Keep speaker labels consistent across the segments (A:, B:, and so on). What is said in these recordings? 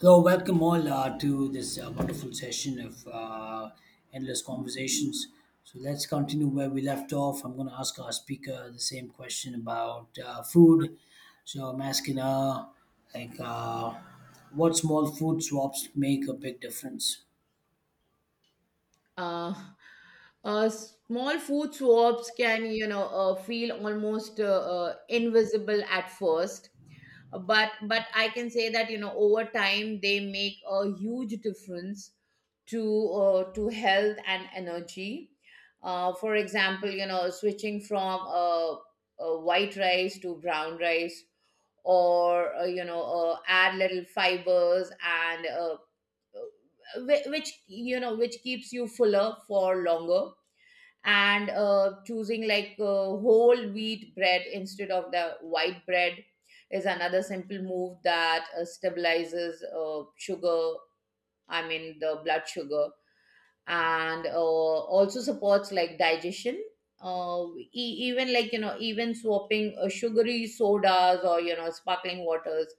A: Hello, welcome all to this wonderful session of endless conversations. So let's continue where we left off. I'm going to ask our speaker the same question about food. So I'm asking her, like, uh, what small food swaps make a big difference?
B: uh, Small food swaps can, you know, feel almost invisible at first. But I can say that, you know, over time they make a huge difference to to health and energy. For example, you know, switching from white rice to brown rice, or you know, add little fibers, and which you know, which keeps you fuller for longer. And choosing like, whole wheat bread instead of the white bread is another simple move that stabilizes sugar, I mean the blood sugar, and also supports like digestion. Uh, e- even like, you know, even swapping sugary sodas or, you know, sparkling waters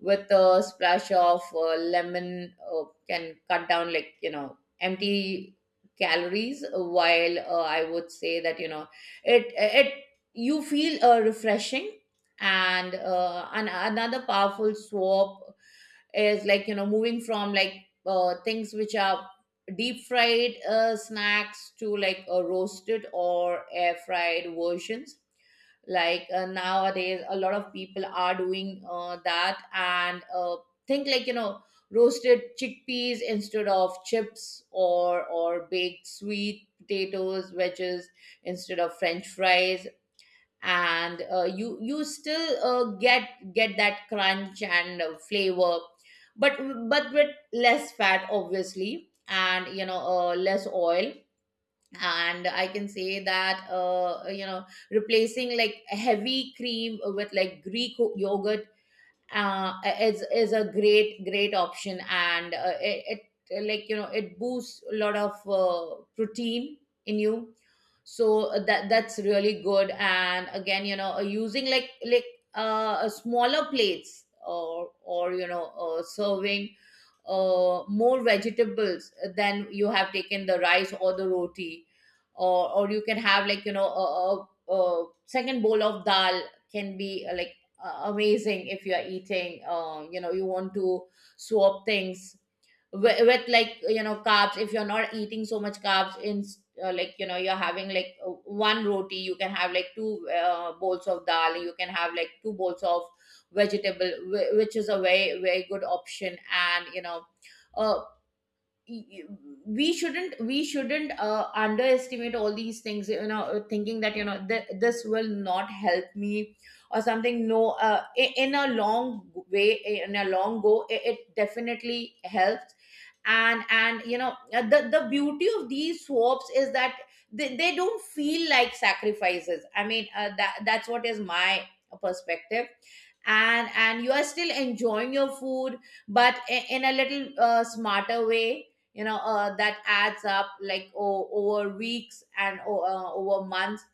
B: with a splash of lemon can cut down, like, you know, empty calories, while, I would say that, you know, it you feel refreshing. And another powerful swap is, like, you know, moving from like, things which are deep fried snacks to like a roasted or air fried versions. Like, nowadays a lot of people are doing that, and think, like, you know, roasted chickpeas instead of chips, or baked sweet potatoes wedges instead of french fries. And you still get that crunch and flavor, but with less fat obviously, and you know, less oil. And I can say that, you know, replacing like heavy cream with like greek yogurt uh, is a great option. And it, like, you know, it boosts a lot of protein in you. So that's really good. And again, you know, using, like smaller plates, or you know, serving more vegetables than you have taken the rice or the roti. Or you can have, like, you know, a second bowl of dal, can be like amazing. If you're eating, um, you know, you want to swap things with, like, you know, carbs, if you're not eating so much carbs in, like, you know, you're having like one roti, you can have like two bowls of dal, you can have like two bowls of vegetable, which is a very good option. And you know, uh, we shouldn't underestimate all these things, you know, thinking that, you know, this will not help me or something. No, in a long way, in a long go, it definitely helps. And you know, the beauty of these swaps is that, they don't feel like sacrifices. I mean, that's what is my perspective. And you are still enjoying your food, but in a little smarter way, you know, that adds up like over weeks and over months.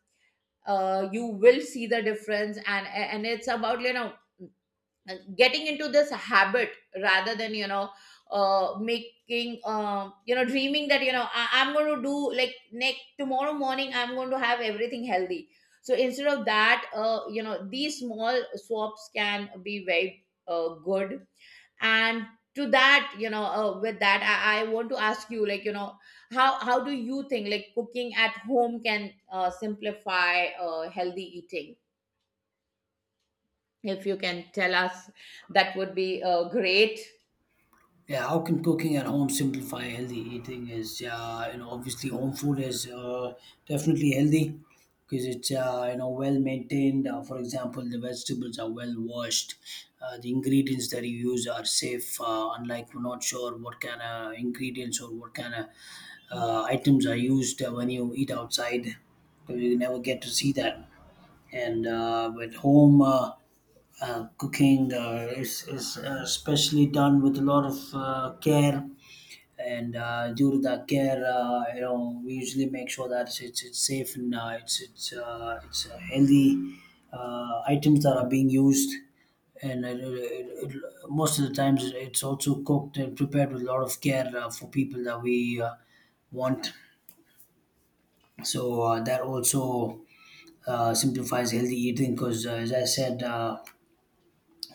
B: You will see the difference. And it's about, you know, getting into this habit, rather than, you know, making, um, you know, dreaming that, you know, I'm going to do like next tomorrow morning I'm going to have everything healthy. So instead of that, you know, these small swaps can be very good. And to that, you know, with that, I want to ask you, like, you know, how do you think like cooking at home can simplify healthy eating. If you can tell us, that would be great.
A: Yeah, how can cooking at home simplify healthy eating? Is You know, obviously home food is definitely healthy because it's you know, well maintained. For example, the vegetables are well washed. The ingredients that you use are safe. Unlike, we're not sure what kind of ingredients or what kind of items are used when you eat outside. You never get to see that, and at home cooking is especially done with a lot of care, and due to that care, you know, we usually make sure that it's safe and it's healthy items that are being used. And most of the times it's also cooked and prepared with a lot of care for people that we want. So that also simplifies healthy eating because, as I said,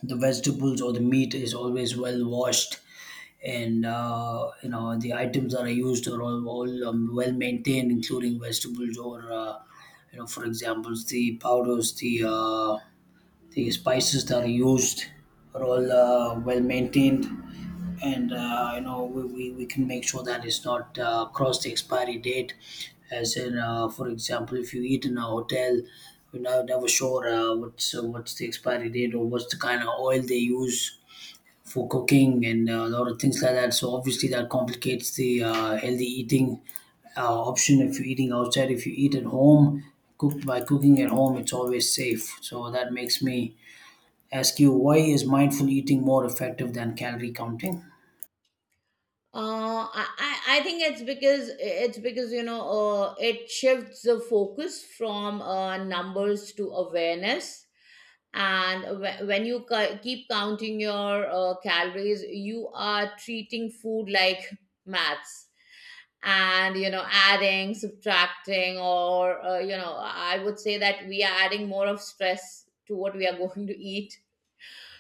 A: the vegetables or the meat is always well washed, and you know, the items that are used are all well maintained, including vegetables, or you know, for example, the powders, the the spices that are used, are all well maintained, and you know, we can make sure that it's not cross the expiry date. As in, for example, if you eat in a hotel, we're not, never sure what's the expiry date, or what's the kind of oil they use for cooking, and a lot of things like that. So obviously that complicates the healthy eating option if you're eating outside. If you eat at home, cooked by cooking at home, it's always safe. So that makes me ask you, why is mindful eating more effective than calorie counting?
B: I think it's because, you know, it shifts the focus from numbers to awareness. And when keep counting your calories, you are treating food like maths, and you know, adding, subtracting, or you know, I would say that we are adding more of stress to what we are going to eat.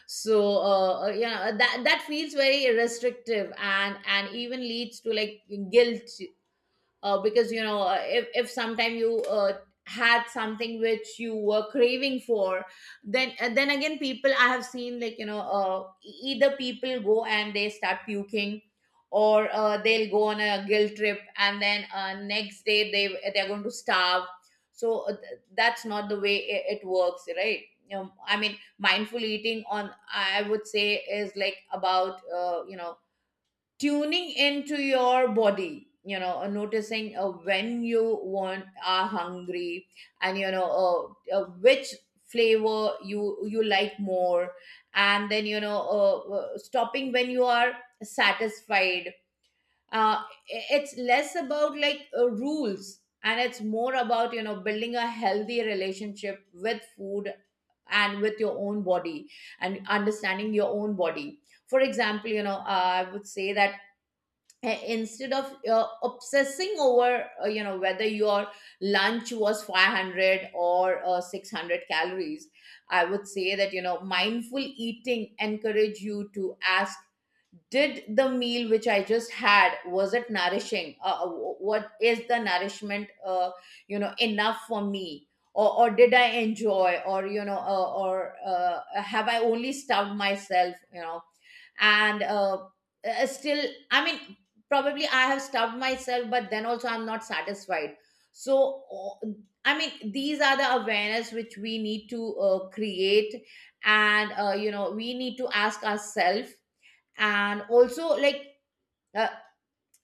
B: So yeah, that feels very restrictive, and even leads to like guilt, because you know, if sometime you had something which you were craving for, then again, people, I have seen, like, you know, either people go and they start puking, or they'll go on a guilt trip, and then next day they, they're going to starve. So that's not the way it works, right, you know? I mean, mindful eating, on I would say, is like about, you know, tuning into your body, you know, noticing when you want are hungry, and you know, which flavor you like more, and then you know, stopping when you are satisfied. uh, it's less about like rules, and it's more about, you know, building a healthy relationship with food and with your own body, and understanding your own body. For example, you know, I would say that, instead of obsessing over, you know, whether your lunch was 500 or 600 calories, I would say that, you know, mindful eating encourage you to ask, did the meal which I just had, was it nourishing? What is the nourishment, you know, enough for me? Or did I enjoy, or you know, or have I only stuffed myself, you know? And still, I mean, probably I have stubbed myself, but then also I'm not satisfied. So I mean, these are the awareness which we need to create, and you know, we need to ask ourselves. And also like, uh,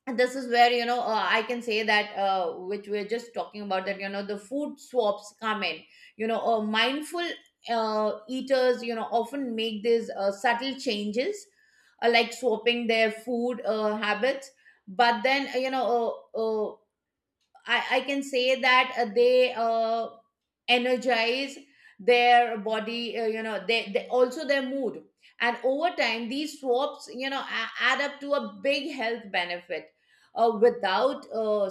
B: and this is where, you know, I can say that, which we're just talking about, that you know the food swaps come in. You know, mindful eaters, you know, often make these subtle changes, like swapping their food habits. But then, I can say that they energize their body, you know, they also their mood. And over time, these swaps, you know, add up to a big health benefit. Without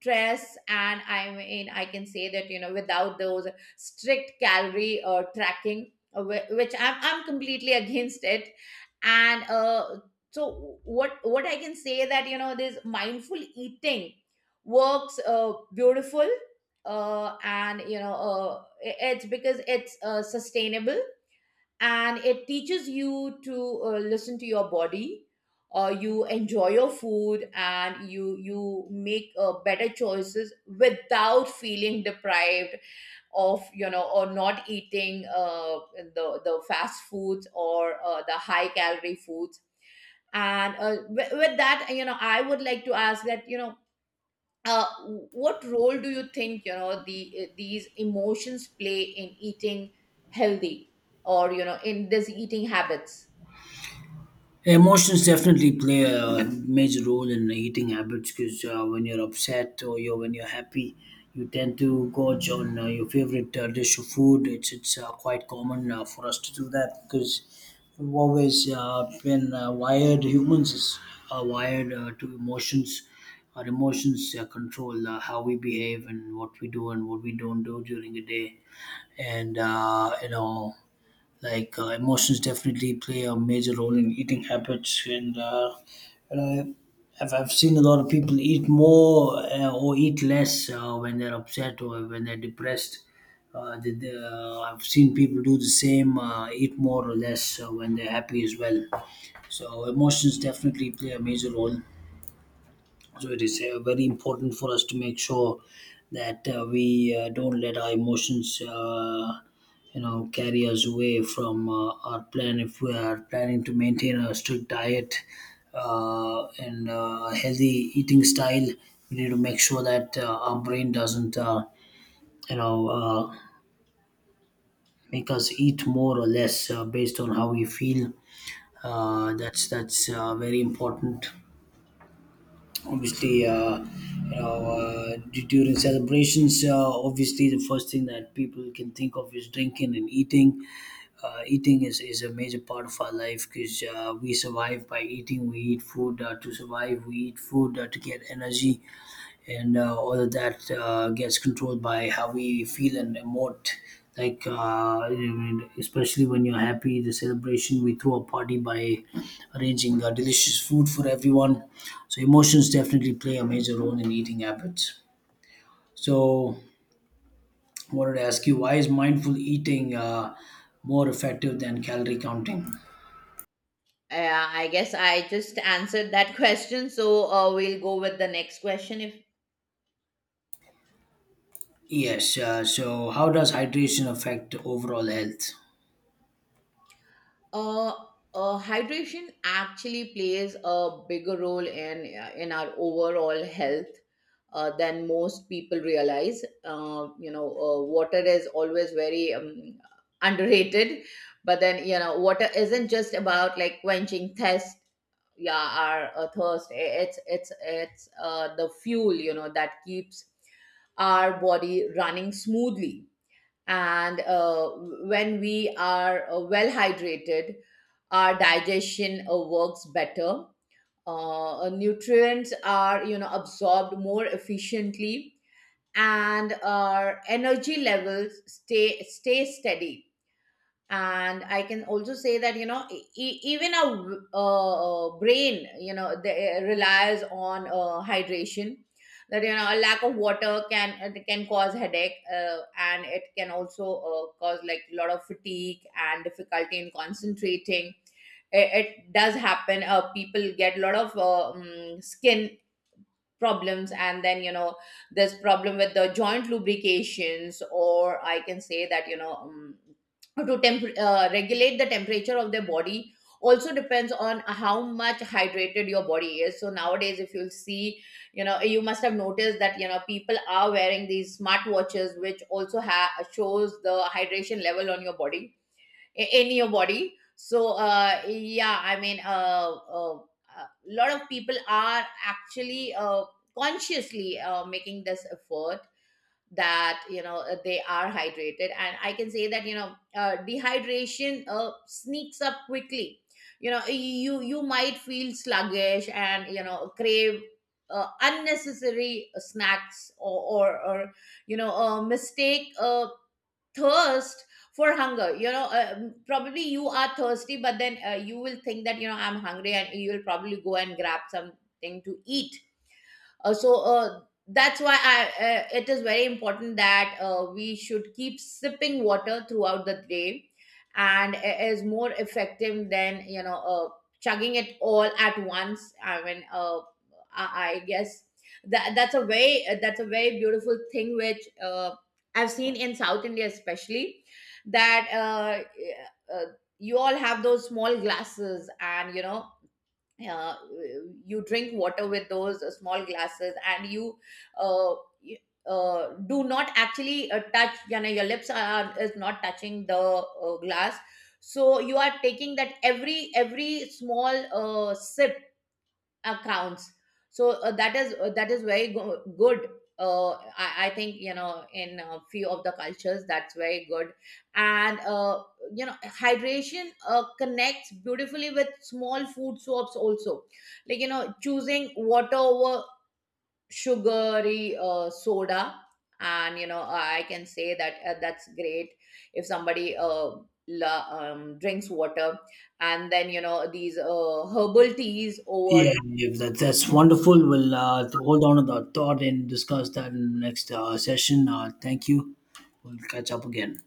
B: stress, and I mean, I can say that, you know, without those strict calorie tracking, which I'm, completely against it. And so, what I can say that, you know, this mindful eating works beautiful, and you know, it's because it's sustainable, and it teaches you to listen to your body. You enjoy your food, and you make better choices without feeling deprived of, you know, or not eating the fast foods, or the high calorie foods. And with that, you know, I would like to ask that, you know, uh, what role do you think, you know, these emotions play in eating healthy, or you know, in this eating habits?
A: Emotions definitely play a major role in eating habits, because when you're upset or you're when you're happy, you tend to gorge on your favorite dish of food. It's quite common for us to do that, because we've always been wired. Are wired to emotions. Our emotions control how we behave and what we do and what we don't do during the day, and you know, emotions definitely play a major role in eating habits. And you know, I've seen a lot of people eat more or eat less when they're upset or when they're depressed. I've seen people do the same, eat more or less when they're happy as well. So emotions definitely play a major role, so it is very important for us to make sure that we don't let our emotions you know, carry us away from our plan. If we are planning to maintain a strict diet and a healthy eating style, we need to make sure that our brain doesn't you know uh, make us eat more or less based on how we feel. That's very important. Obviously, you know, during celebrations, obviously the first thing that people can think of is drinking and eating. Eating is a major part of our life, because we survive by eating. We eat food to survive, we eat food to get energy, and all of that gets controlled by how we feel and emote. Like, especially when you're happy, the celebration, we throw a party by arranging delicious food for everyone. So, emotions definitely play a major role in eating habits. So, I wanted to ask you, why is mindful eating more effective than calorie counting?
B: Yeah, I guess I just answered that question, so we'll go with the next question if…
A: Yes, so how does hydration affect overall health?
B: uh, Hydration actually plays a bigger role in our overall health, than most people realize. You know, water is always very, underrated. But then, you know, water isn't just about like quenching thirst. Yeah, our thirst. It's the fuel, you know, that keeps our body running smoothly. And when we are well hydrated, our digestion works better. Nutrients are, you know, absorbed more efficiently, and our energy levels stay steady. And I can also say that, you know, even our brain, you know, they relies on hydration, that, you know, a lack of water can cause headache, and it can also cause like a lot of fatigue and difficulty in concentrating. It does happen, people get a lot of skin problems. And then you know, there's problem with the joint lubrications, or I can say that, you know, to regulate the temperature of their body also depends on how much hydrated your body is. So nowadays, if you'll see, you know, you must have noticed that, you know, people are wearing these smart watches, which also shows the hydration level on your body, in your body. So yeah, I mean, a lot of people are actually consciously making this effort, that you know, they are hydrated. And I can say that, you know, dehydration sneaks up quickly. You know, you might feel sluggish, and you know, crave unnecessary snacks, or you know, mistake thirst for hunger. You know, probably you are thirsty, but then you will think that, you know, I'm hungry, and you will probably go and grab something to eat. uh, so uh, that's why, it is very important that we should keep sipping water throughout the day, and it is more effective than, you know, chugging it all at once. I mean, I guess that's a very beautiful thing, which I've seen in South India especially, that uh, you all have those small glasses, and you know, uh, you drink water with those small glasses, and you uh, y- do not actually touch, you know, your lips are is not touching the glass. So you are taking that, every small sip accounts. So that is very good. uh, I think, you know, in a few of the cultures that's very good. And you know, hydration connects beautifully with small food soaps also, like, you know, choosing water over sugary soda. And you know, I can say that, that's great, if somebody drinks water, and then you know, these herbal teas over…
A: Yeah, yeah, that's wonderful. We'll hold on to that thought and discuss that in the next session. Thank you. We'll catch up again.